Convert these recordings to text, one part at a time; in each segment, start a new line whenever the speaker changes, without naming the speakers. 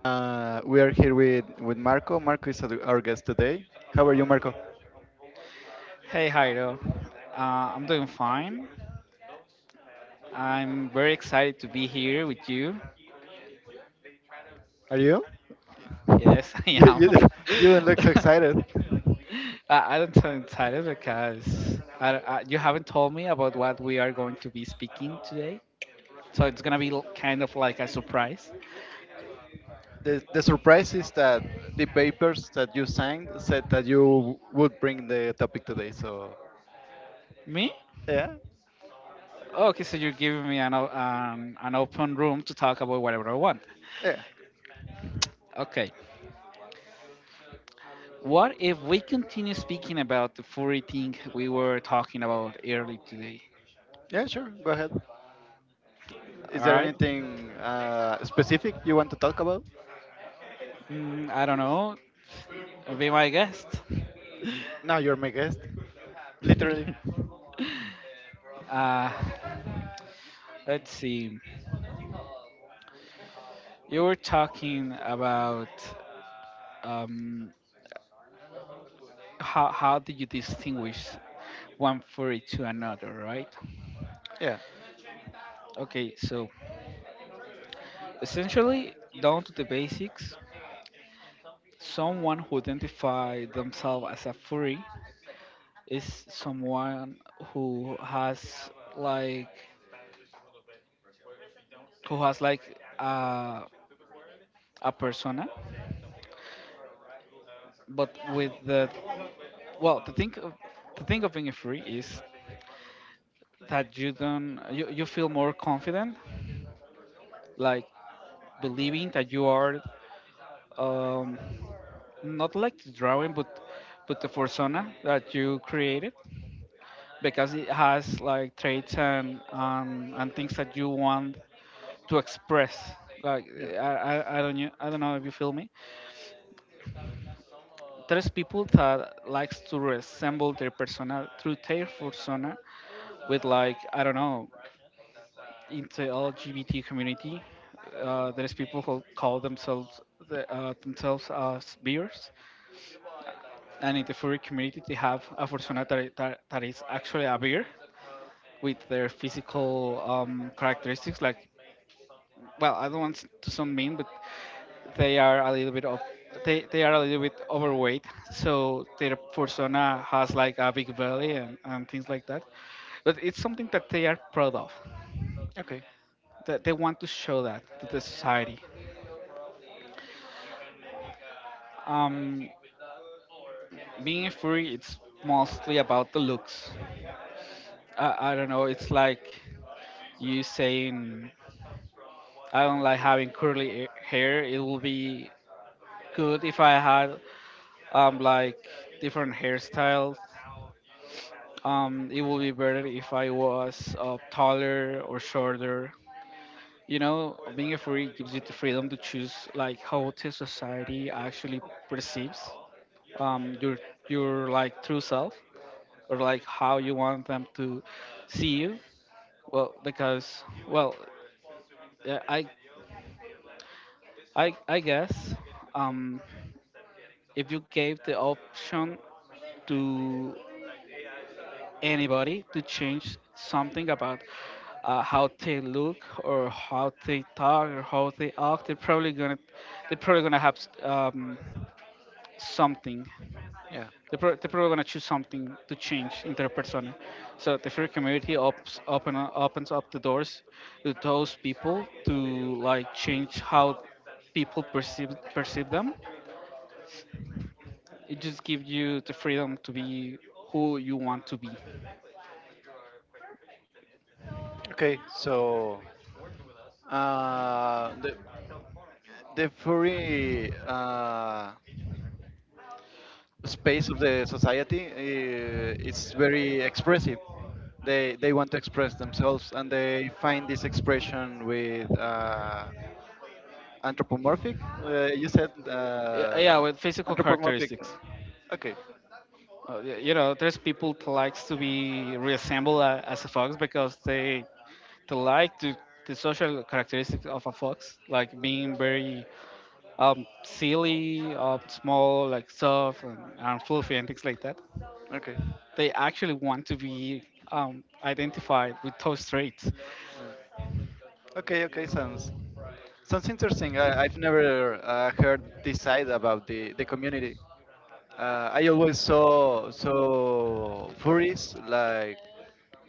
We are here with, Marco. Marco is our guest today. How are you, Marco?
Hey Jairo, I'm doing fine. I'm very excited to be here with you.
Are you?
Yes, I
you,
am.
you, you don't look so excited.
I don't sound excited because you haven't told me about what we are going to be speaking today. So it's gonna be kind of like a surprise.
The surprise is that the papers that you signed said that you would bring the topic today. So,
Me?
yeah,
Okay, so you're giving me an open room to talk about whatever I want.
yeah,
Okay, what if we continue speaking about the furry thing we were talking about early today?
yeah, sure, go ahead.
All
Is there
right.
anything specific you want to talk about?
I don't know. Be my guest.
Now you're my guest, literally.
uh, let's see. You were talking about, um, how do you distinguish one furry to another, right?
Yeah,
Okay, so essentially, down to the basics, someone who identifies themselves as a furry is someone who has, like, who has like a a persona, but with well, the thing of, the thing of being free is that you don't you, you feel more confident, like believing that you are, um, not like the drawing, but the persona that you created because it has like traits and, and things that you want to express. Like
yeah,
I don't know if you feel me. There's people that likes to resemble their persona through their persona with, like, I don't know, into LGBT community. There's people who call themselves themselves as beers, and in the furry community they have a persona that is actually a beer with their physical, characteristics. Like, well, I don't want to sound mean, but they are a little bit of they are a little bit overweight, so their persona has, like, a big belly and things like that. But it's something that they are proud of,
okay,
that they want to show that to the society. Um, Being a furry, it's mostly about the looks. I don't know. It's like you saying, "I don't like having hair." It will be good if I had, like, different hairstyles. It will be better if I was, taller or shorter. You know, being a furry gives you the freedom to choose, like, how the society actually perceives, your like true self, or like how you want them to see you. Well, because, well, uh, I I guess, um, if you gave the option to anybody to change something about, how they look or how they talk or how they act, they're probably gonna have, um, something.
yeah.
They're probably gonna choose something to change in their persona. So the free community opens up the doors to those people to, like, change how people perceive them. It just gives you the freedom to be who you want to be.
Okay, so the furry space of the society, it's very expressive. They want to express themselves, and they find this expression with anthropomorphic. You said
Yeah, with physical
anthropomorphic.
characteristics.
Okay,
You know, there's people that likes to be reassembled as a fox because they like to the social characteristics of a fox, like being very, silly, small, like soft and fluffy and things like that.
okay,
They actually want to be, identified with those traits.
okay, okay. Sounds interesting. I, I've never heard this side about the community. I always saw so furries like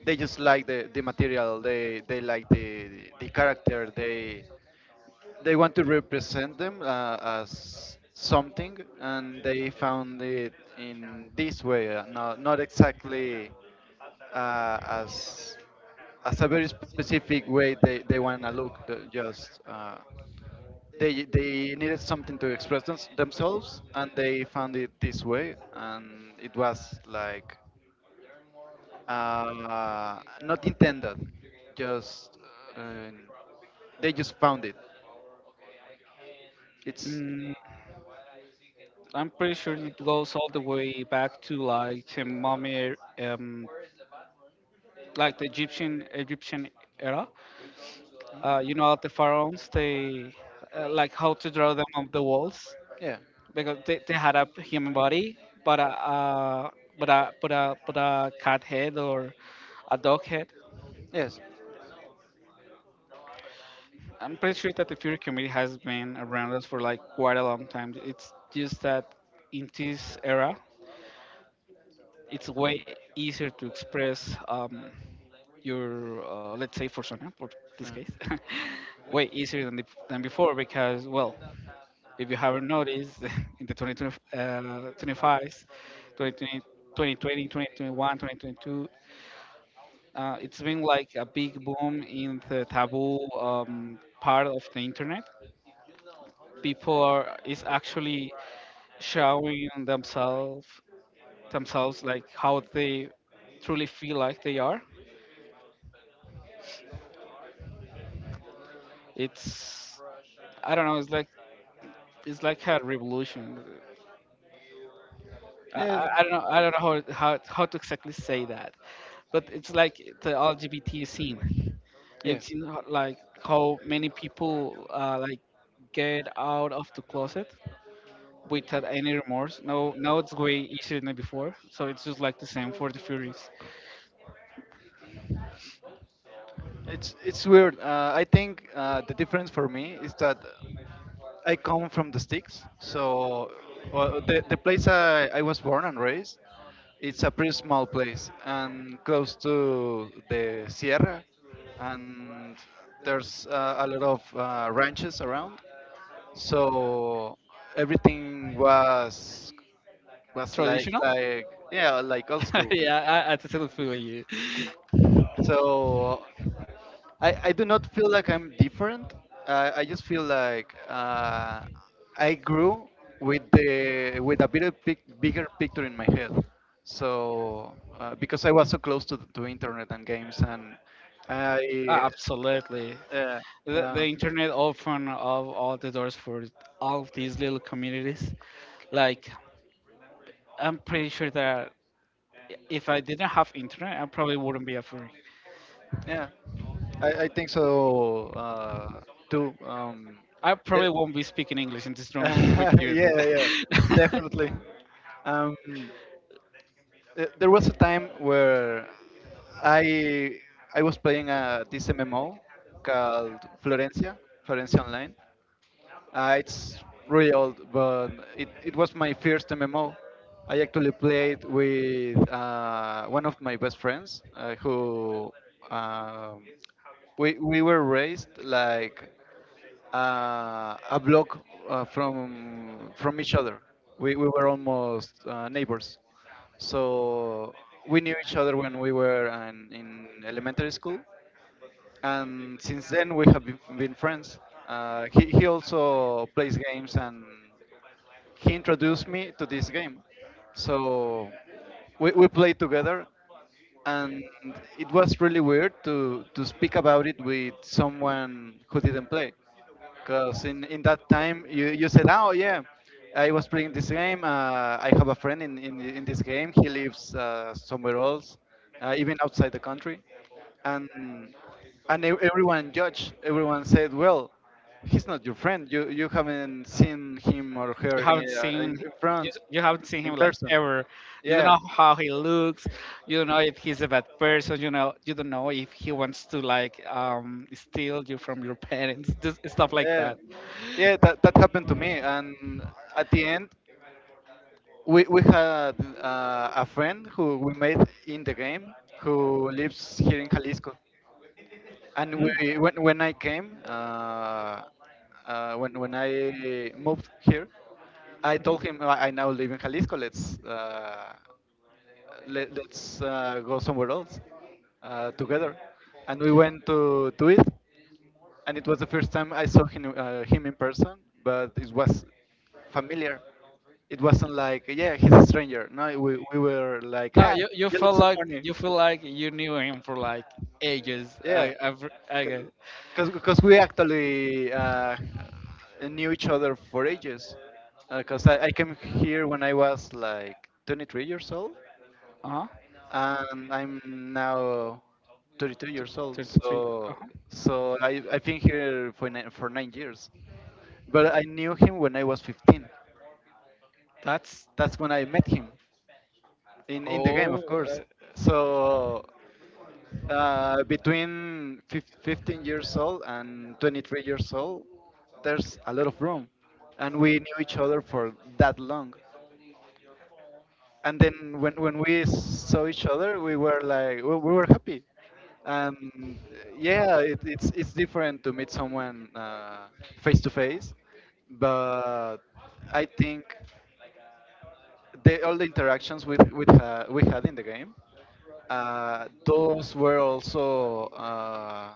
they just like the material they like the character they want to represent them as something, and they found it in this way, not exactly uh, as as a very specific way they want to look. The- Just they needed something to express themselves, and they found it this way, and it was like not intended, just uh, they just found it. It's
Mm, I'm pretty sure it goes all the way back to, like, mummy, um, like the Egyptian era.
Hmm?
You know, the pharaohs, they, like how to draw them on the walls.
Yeah.
Because they had a human body, but a, uh, but a cat head or a dog head.
Yes. Yeah.
I'm pretty sure that the Fury community has been around us for like quite a long time. It's just that in this era, it's way easier to express, your, let's say for persona, for this case, way easier than than before, because, well, if you haven't noticed, in the 2020, 25s, 2020, 2021, 2022, it's been like a big boom in the taboo, part of the internet. People are is actually showing themselves like how they truly feel like they are. It's I don't know. It's like a revolution.
Yeah.
I don't know how to exactly say that, but it's like the LGBT scene.
Yeah.
You've seen like how many people, like, get out of the closet without any remorse. No, now it's way easier than before. So it's just like the same for the Furies.
It's weird. I think the difference for me is that I come from the sticks. So, well, the place I was born and raised, it's a pretty small place and close to the Sierra, and there's a lot of ranches around. So everything was
Traditional?
like yeah like old school.
Yeah, I totally feel you.
So I do not feel like I'm different. I just feel like I grew with a bigger pic, bigger picture in my head. So because I was so close to internet and games, and I
Ah, absolutely.
yeah uh,
The
um,
internet opened up all the doors for all of these little communities. Like, I'm pretty sure that if I didn't have internet, I probably wouldn't be a furry.
yeah I think so too.
I probably
It-
won't be speaking English in this room with you, dude.
yeah yeah definitely. Um, there was a time where I I was playing this MMO called Florencia, Florencia Online, it's really old, but it was my first MMO. I actually played with one of my best friends who um, we were raised like a block from each other. We were almost neighbors. So we knew each other when we were in elementary school, and since then we have been friends. He also plays games and he introduced me to this game. So we played together, and it was really weird to speak about it with someone who didn't play. Because in that time, you said, "Oh, yeah, I was playing this game. I have a friend in this game. He lives somewhere else, even outside the country." And, everyone judged. Everyone said, "Well, he's not your friend. You haven't seen him or
you
her
haven't
in
seen
in front,
you haven't seen
in
him like
person."
ever. You don't
Yeah,
know how he looks. You don't know if he's a bad person. You know, you don't know if he wants to, like, steal you from your parents, just stuff like
yeah,
that.
yeah. That that happened to me, and at the end, we had a friend who we met in the game who lives here in Jalisco. And we,
Hmm.
when I came, when I moved here, I told him, "Oh, I now live in Jalisco. Let's go somewhere else together." And we went to it, and it was the first time I saw him, him in person, but it was familiar. It wasn't like, yeah, he's a stranger. No, we were like,
No,
"Hi,
you
you
feel
look so
like
funny."
you knew him for like ages.
Yeah,
I've, I get it.
because we actually knew each other for ages. Because I came here when I was like 23 years old,
Uh-huh.
and I'm now 32 years old.
33.
So
Uh-huh.
so I've been here for 9 years, but I knew him when I was 15.
That's
That's when I met him in the game, of
oh,
course.
uh,
So between 15 years old and 23 years old, there's a lot of room, and we knew each other for that long. And then when we saw each other, we were like we were happy, and yeah, it's different to meet someone face to face, but I think all the interactions we had in the game, those were also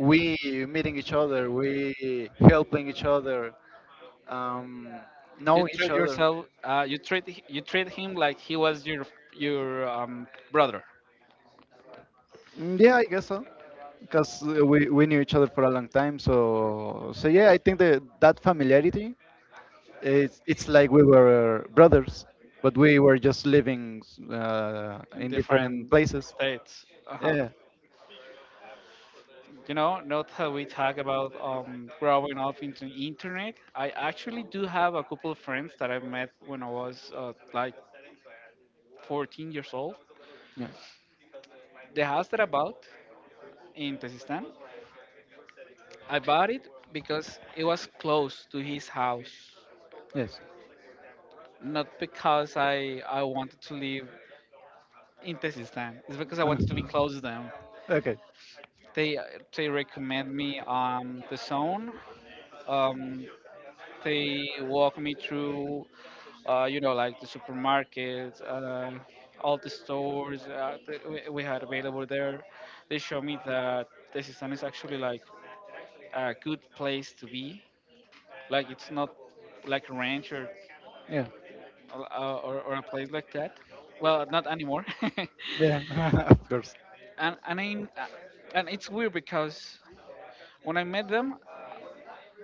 we meeting each other, we helping each other, um,
you
know each
treat
other.
you treat him like he was your your um brother.
Mm, yeah, I guess so. Because we knew each other for a long time, so so yeah, I think that that familiarity, it's like we were brothers, but we were just living
In
in different
different
places.
states. Uh-huh.
Yeah.
You know, not how we talk about, growing up into internet. I actually do have a couple of friends that I met when I was, like, 14 years old.
Yeah.
The house that I bought in Tajikistan, I bought it because it was close to his house,
Yes.
not because I wanted to live in Tajikistan. It's because I wanted to be close to them.
okay.
They they recommend me, the zone. Um, They walk me through, you know, like the supermarkets, all the stores, that we had available there. They show me that Tezistán is actually like a good place to be. Like it's not like a ranch, or
Yeah.
or a place like that. Well, not anymore.
Yeah. of course.
and and I, and it's weird because when I met them,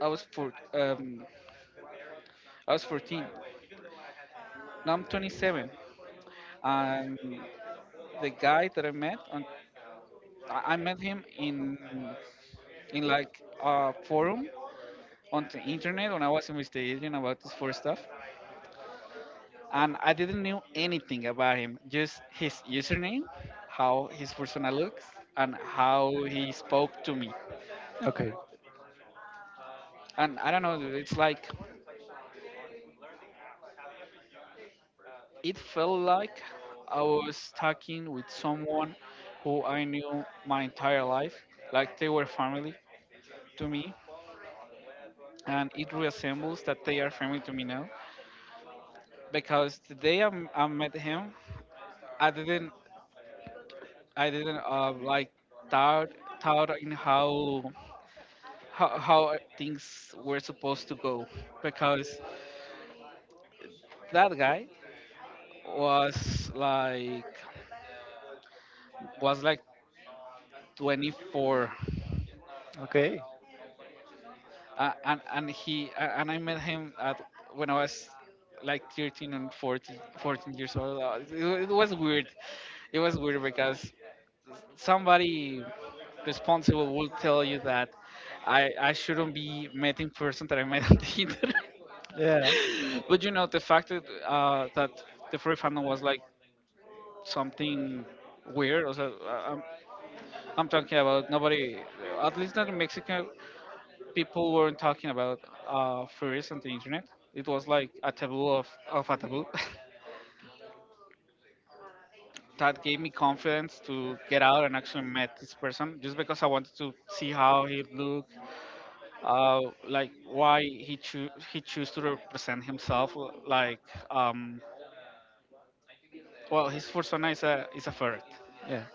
I was four, um, I was 14. Now I'm 27. Um, the guy that I met on I met him in like a forum on the internet when I was investigating about this for stuff, and I didn't know anything about him. Just his username, how his persona looks, and how he spoke to me.
Okay.
And I don't know. It's like it felt like I was talking with someone who I knew my entire life, like they were family to me, and it reassembles that they are family to me now because the day I met him, I didn't I didn't, like, thought thought in how, how things were supposed to go, because that guy was like 24,
Okay.
and I met him at when I was like 13 and 14, fourteen years old. It was weird. It was weird because somebody responsible will tell you that I shouldn't be met in person that I met on the internet.
Yeah.
But you know the fact that, the furry fandom was like something weird. Also, I'm talking about nobody, at least not in Mexico, people weren't talking about, furries on the internet. It was like a taboo of a taboo. That gave me confidence to get out and actually met this person just because I wanted to see how he looked, uh, like why he choose to represent himself, like, um, well, his persona is a ferret.
Yeah.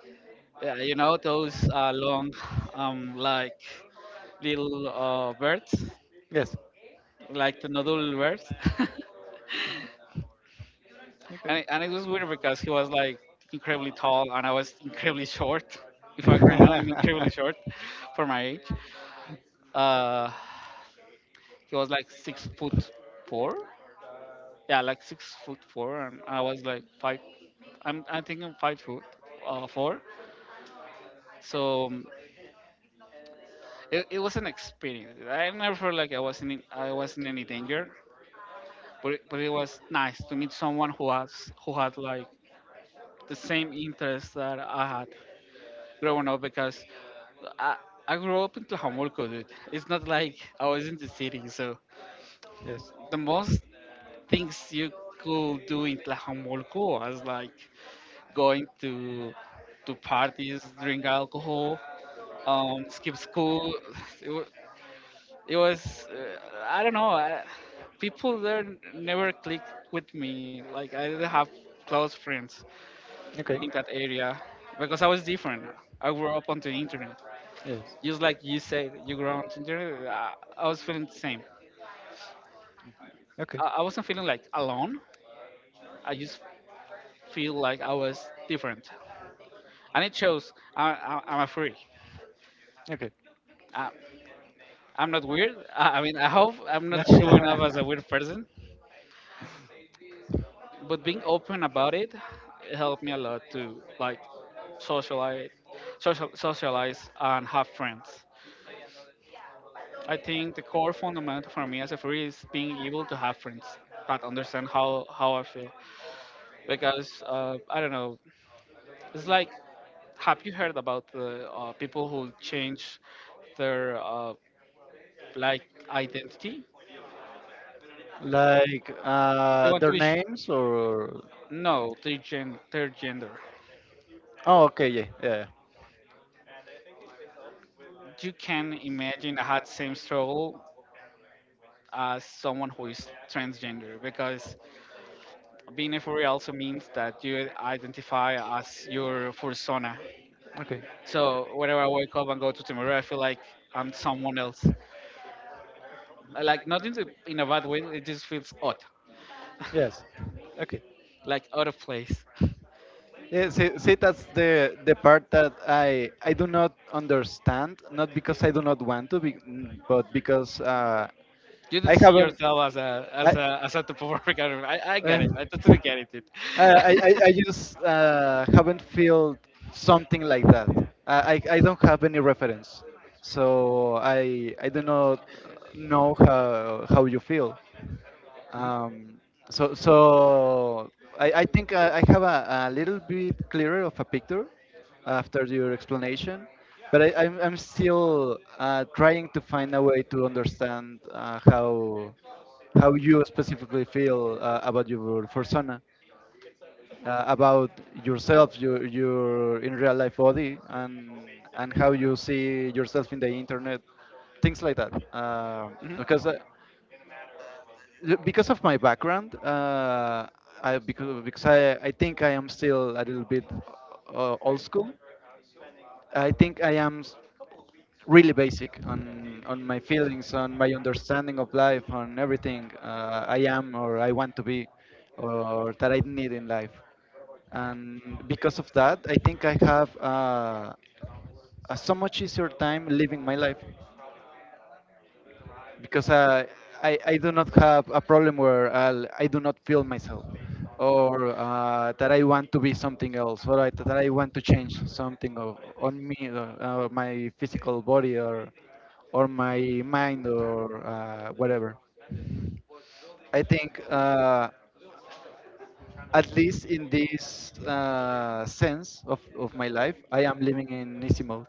Yeah, you know those, long, like, little, birds,
Yes.
like the noodle birds. And it was weird because he was like incredibly tall and I was incredibly short. In fact, right now I'm incredibly short for my age. uh, he was like 6 foot four, yeah, like 6 foot four, and I was like five I'm I think I'm 5 foot, four. So, it was an experience. I never felt like I wasn't in any danger, but it was nice to meet someone who had like the same interests that I had growing up, because I I grew up in Tlajomulco, dude. It's not like I was in the city, so
yes.
the most things you could do in Tlajomulco was like going to parties, drink alcohol, skip school. It, wa- it was, I don't know, people there never clicked with me. Like, I didn't have close friends
Okay.
in that area because I was different. I grew up on the internet.
Yes.
Just like you said, you grew up on the internet, I was feeling the same.
Okay.
I wasn't feeling like alone, I just feel like I was different. And it shows I'm a freak.
Okay.
I, I'm not weird. I mean, I hope I'm not showing up as a weird person, but being open about it helped me a lot to like socialize, socialize and have friends. I think the core fundamental for me as a free is being able to have friends that understand how I feel because I don't know. It's like, have you heard about the people who change their like identity?
like
They want to
their
be sh-
names or?
No, their gender.
Oh, okay. Yeah. Yeah. Yeah.
You can imagine I had same struggle as someone who is transgender because being a furry also means that you identify as your fursona.
Okay.
So whenever I wake up and go to the mirror, I feel like I'm someone else. Like not in the, in a bad way, it just feels odd,
Yes. Okay.
like out of place.
Yeah, see, see, that's the part that I do not understand. Not because I do not want to be, mm, but because
You don't
I
see
haven't.
yourself as a as
I,
a as a Puerto Rican. I get
uh,
it. I totally get it.
I just haven't felt something like that. I don't have any reference, so I do not know how you feel.
Mhm,
Um, so so I think I have a little bit clearer of a picture after your explanation, but I'm still trying to find a way to understand how you specifically feel about your persona, about yourself, your in real life body, and how you see yourself in the internet, things like that.
mhm.
Because uh, because of my background, I because I think I am still a little bit old school. I think I am really basic on my feelings, on my understanding of life, on everything I am or I want to be, or that I need in life. And because of that, I think I have a so much easier time living my life because I do not have a problem where I'll, I do not feel myself, or that I want to be something else, or I, that I want to change something of, on me, my physical body, or my mind, or whatever. I think at least in this sense of my life, I am living in easy mode.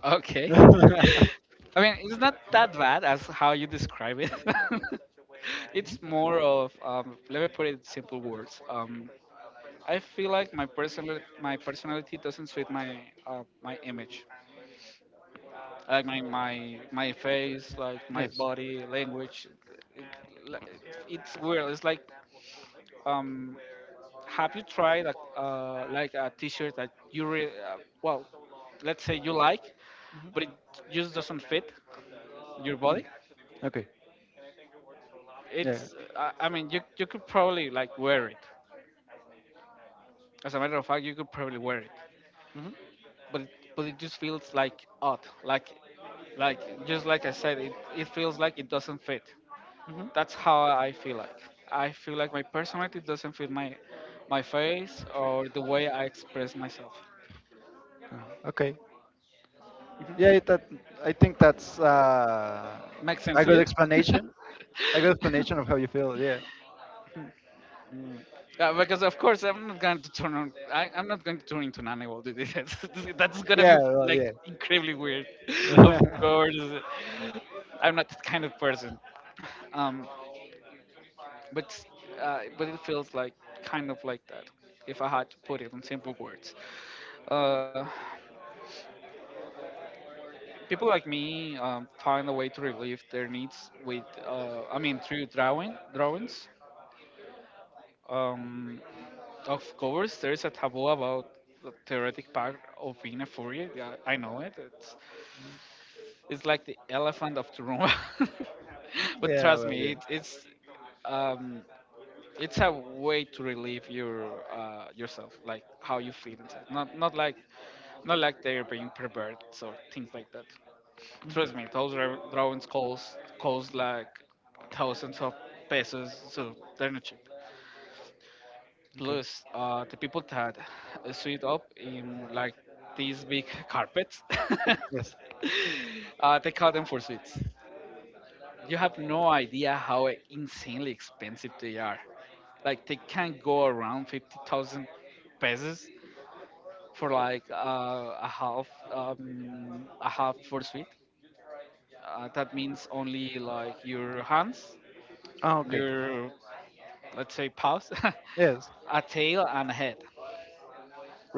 Okay. I mean, it's not that bad as how you describe it. It's more of, let me put it in simple words. I feel like my personality doesn't suit my my image, like my face, like my
yes.
body language. It, like, it's weird. It's like, um, have you tried like a T-shirt that well, let's say you like, but it just doesn't fit your
Mm.
body?
Okay. Yeah.
It's, I mean, you could probably like wear it. As a matter of fact, you could probably wear it,
hmm
but it, but it just feels like odd, like just like I said, it feels like it doesn't fit.
hmm
That's how I feel like. I feel like my personality doesn't fit my my face or the way I express myself.
Okay. Yeah,
Hmm.
that I think that's
Makes sense
a
to
good
you?
explanation. A good explanation of how you feel. Yeah. Mm.
Because of course I'm not going to turn on. I'm not going to turn into an animal, dude. That's gonna
Yeah.
be
Well.
like
Yeah.
incredibly weird. Of course, I'm not that kind of person. Um, but it feels like kind of like that. If I had to put it in simple words, uh, people like me, find a way to relieve their needs with. Through drawings. Um, Of course, there's a taboo about the theoretic part of being a furry. Yeah, I know it. It's like the elephant of the room. But
yeah.
trust
Well. Yeah.
me, um, it's a way to relieve your yourself, like how you feel inside. Not like they're being perverts or things like that. Trust
Mhm.
me, those drawings cost like thousands of pesos, so they're not cheap.
Okay.
Plus, the people that suit up in like these big carpets,
Yes.
they call them for suites. You have no idea how insanely expensive they are. Like they can go around 50,000 pesos for like a half for suite. That means only like your hands,
Oh, okay.
your, let's say, paws,
Yes.
a tail, and a head.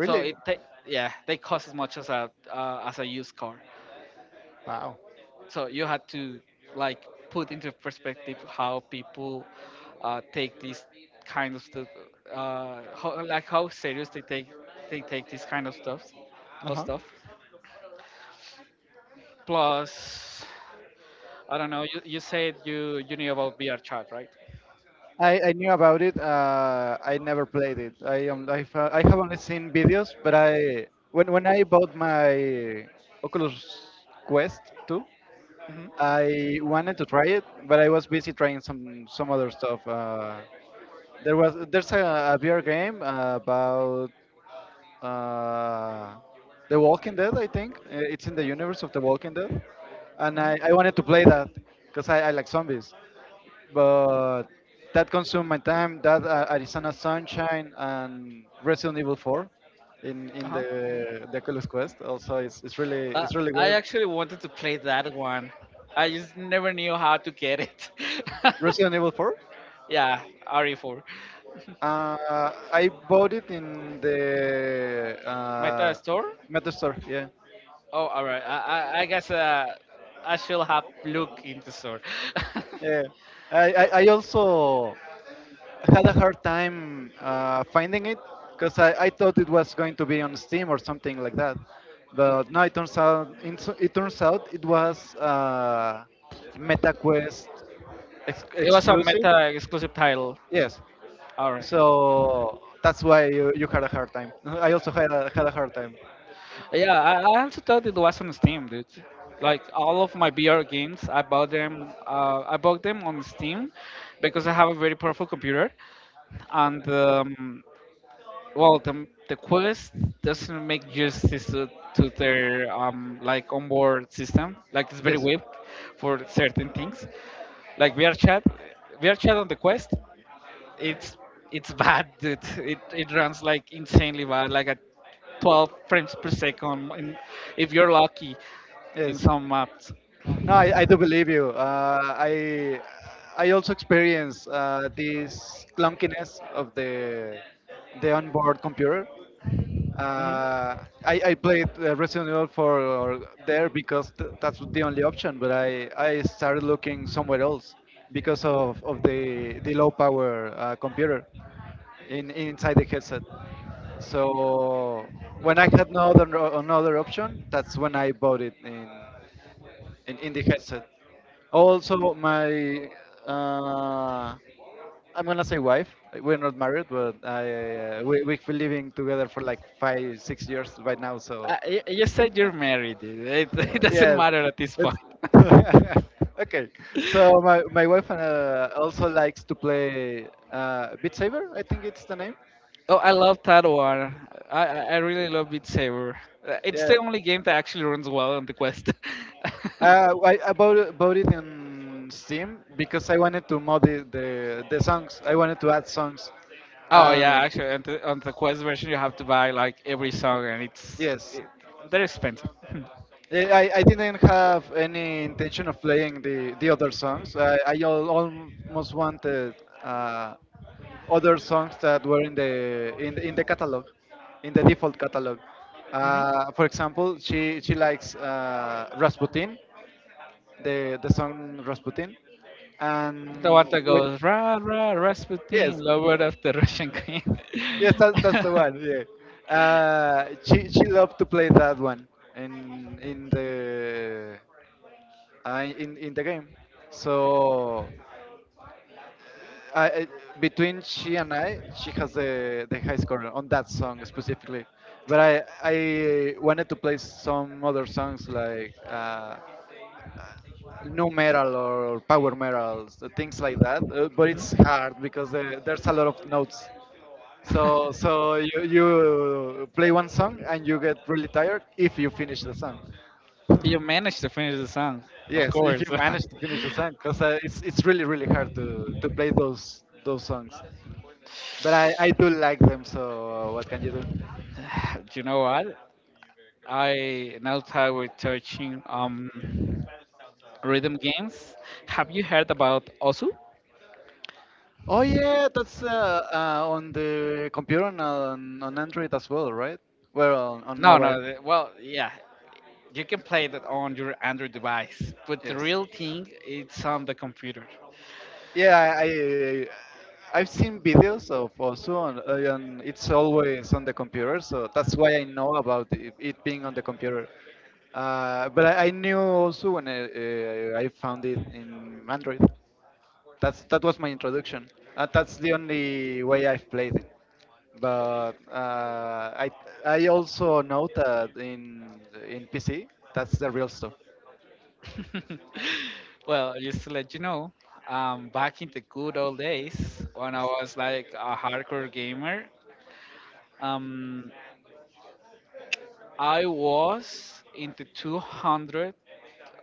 So it ta- yeah, they cost as much as a used car.
Wow.
So you had to like put into perspective how people take these kind of stuff, how serious they take this kind of stuff
Uh
or
huh.
stuff. Plus, I don't know. You said you knew about VR chat, right?
I knew about it. I never played it. I have only seen videos, but I when I bought my Oculus Quest 2,
Hmm.
I wanted to try it, but I was busy trying some other stuff. There's a, VR game about uh, The Walking Dead, I think. It's in the universe of The Walking Dead, and I
Hmm.
wanted to play that because I like zombies, but that consumed my time. That Arizona Sunshine and Resident Evil 4 in the
Uh-huh.
Oculus Quest also is
Uh,
it's really
I
good.
actually wanted to play that one. I just never knew how to get it.
Resident Evil 4.
Yeah, RE4.
I bought it in the
Meta store?
Meta store. Yeah,
Oh, all right. I guess I should have look into store.
yeah. I also had a hard time finding it because I thought it was going to be on Steam or something like that, but no. It turns out it turns out it was MetaQuest
It was a
exclusive.
Meta exclusive title.
Yes.
All right.
So that's why you had a hard time. I also had a, had a hard time.
Yeah, I also thought it was on Steam, dude. Like all of my VR games, I bought them. I bought them on Steam because I have a very powerful computer, and the quest doesn't make justice to their onboard system. Like it's very
Yes.
weak for certain things. Like V R chat, VRChat, chat on the quest, it's it's bad, dude. It runs like insanely bad, like at 12 frames per second, in, if you're lucky in
Yes.
some maps.
No, I do believe you. I also experience this clunkiness of the onboard computer.
Hmm.
Uh, I played Resident Evil for there because that's the only option. But I started looking somewhere else because of the low power computer in inside the headset. So when I had no other another option, that's when I bought it in in the headset. Also, my uh, I'm gonna say wife. We're not married, but I we we've been living together for like 5 6 years right now. So
You said you're married. It, it doesn't
yes,
matter at this
it's
point.
okay. So my wife also likes to play Beat Saber. I think it's the name.
Oh, I love Tad War. I I really love Beat Saber. It's the
Yeah,
only game that actually runs well on the Quest.
bought it in Steam because I wanted to mod the songs. I wanted to add songs,
Oh
and
yeah, actually, on the Quest version, you have to buy like every song,
Yes.
they're expensive.
Eh, I didn't have any intention of playing the other songs. I almost wanted uh, other songs that were in the in in the catalog, in the default catalog.
Hmm.
For example, she likes Rasputin, the song Rasputin,
The one
and
that
we,
goes ra ra Rasputin,
yes,
lover of the Russian queen.
yes, that, that's the one. Yeah, she loved to play that one in in the in the game. So I, I- between she and I, she has the high score on that song specifically. But I wanted to play some other songs like new metal or power metal, so things like that. But
Mhm.
it's hard because there's a lot of notes. So so you play one song and you get really tired if you finish the song.
You managed to finish the song, of
Yes, if you
course.
manage to finish the song, because it's really really hard to play those songs. But I do like them. So what can you do?
Do you know what? I now that we're touching, rhythm games. Have you heard about Osu?
Oh yeah, that's on the computer and on Android as well, right? Well, on
No,
mobile.
no. Yeah, you can play that on your Android device, but the
Yes.
real thing it's on the computer.
Yeah, I've seen videos of also on, and it's always on the computer, so that's why I know about it, it being on the computer. I knew also when I found it in Android. That's that was my introduction. That's the only way I've played it. But I also know that in PC, that's the real stuff.
Well, just to let you know, back in the good old days when I was like a hardcore gamer, um, I was in the 200.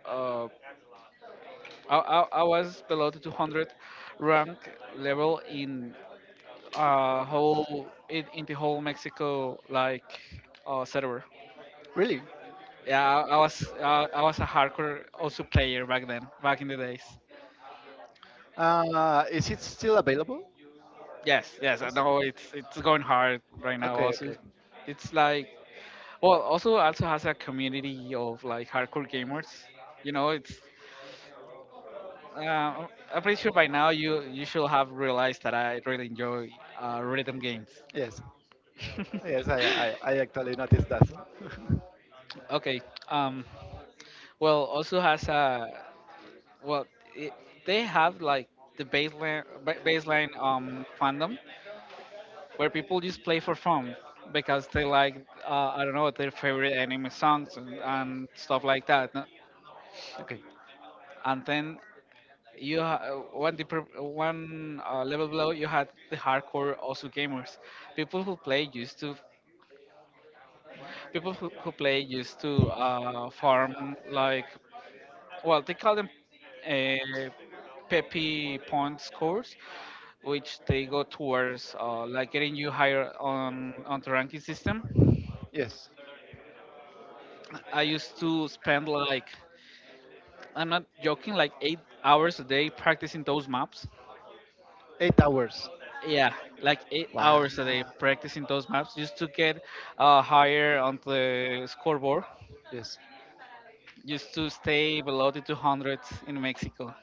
Uh, I was below the 200 rank level in in the whole Mexico like server.
Really?
Yeah, I was a hardcore also player back then, back in the days.
Is it still available?
Yes, yes, I know it's going hard right now
Okay,
also.
okay.
It's like, well, also has a community of like hardcore gamers. You know, it's uh, I'm pretty sure by now you should have realized that I really enjoy rhythm games.
Yes. Yes, I actually noticed that.
Okay. um, well, also has a, well, it, they have like baseline, fandom where people just play for fun because they like, I don't know, their favorite anime songs and stuff like that. No?
okay.
And then one deeper one level below you had the hardcore also gamers, people who play used to people who play used to farm like, well, they call them, uh, Peppy Point scores, which they go towards getting you higher on the ranking system.
Yes.
I used to spend like, I'm not joking, like 8 hours a day practicing those maps.
8 hours.
Yeah, like eight
Wow.
hours a day practicing those maps just to get higher on the scoreboard,
Yes.
just to stay below the 200s in Mexico.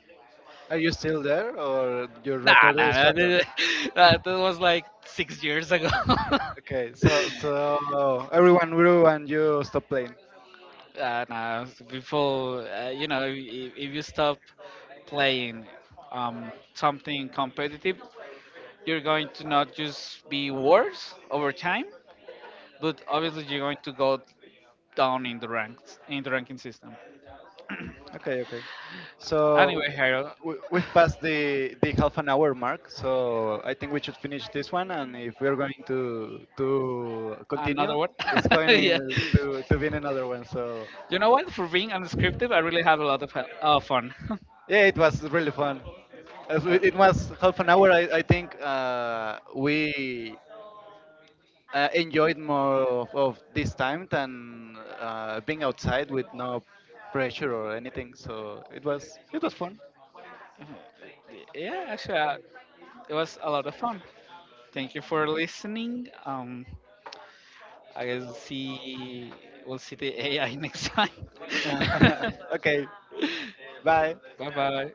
Are you still there or your
Nah,
record is
nah,
shattered?
nah. That was like 6 years ago.
Okay, so so everyone grew and you stopped playing.
Nah, Before, you know, if you stop playing something competitive, you're going to not just be worse over time, but obviously you're going to go down in the ranks in the ranking system.
Okay, okay. So
Anyway, Harold,
we've passed the half an hour mark, so I think we should finish this one. And if we're going to continue,
another one.
it's going in
Yeah,
to be in another one. So
you know what? For being unscripted, I really have a lot of fun.
yeah, it was really fun. As it
Alright.
was half an hour. I think we enjoyed more of this time than being outside with no pressure or anything. So it was fun.
Yeah, actually, it was a lot of fun. Thank you for listening. I guess see We'll see the AI next time.
okay, bye.
Bye bye.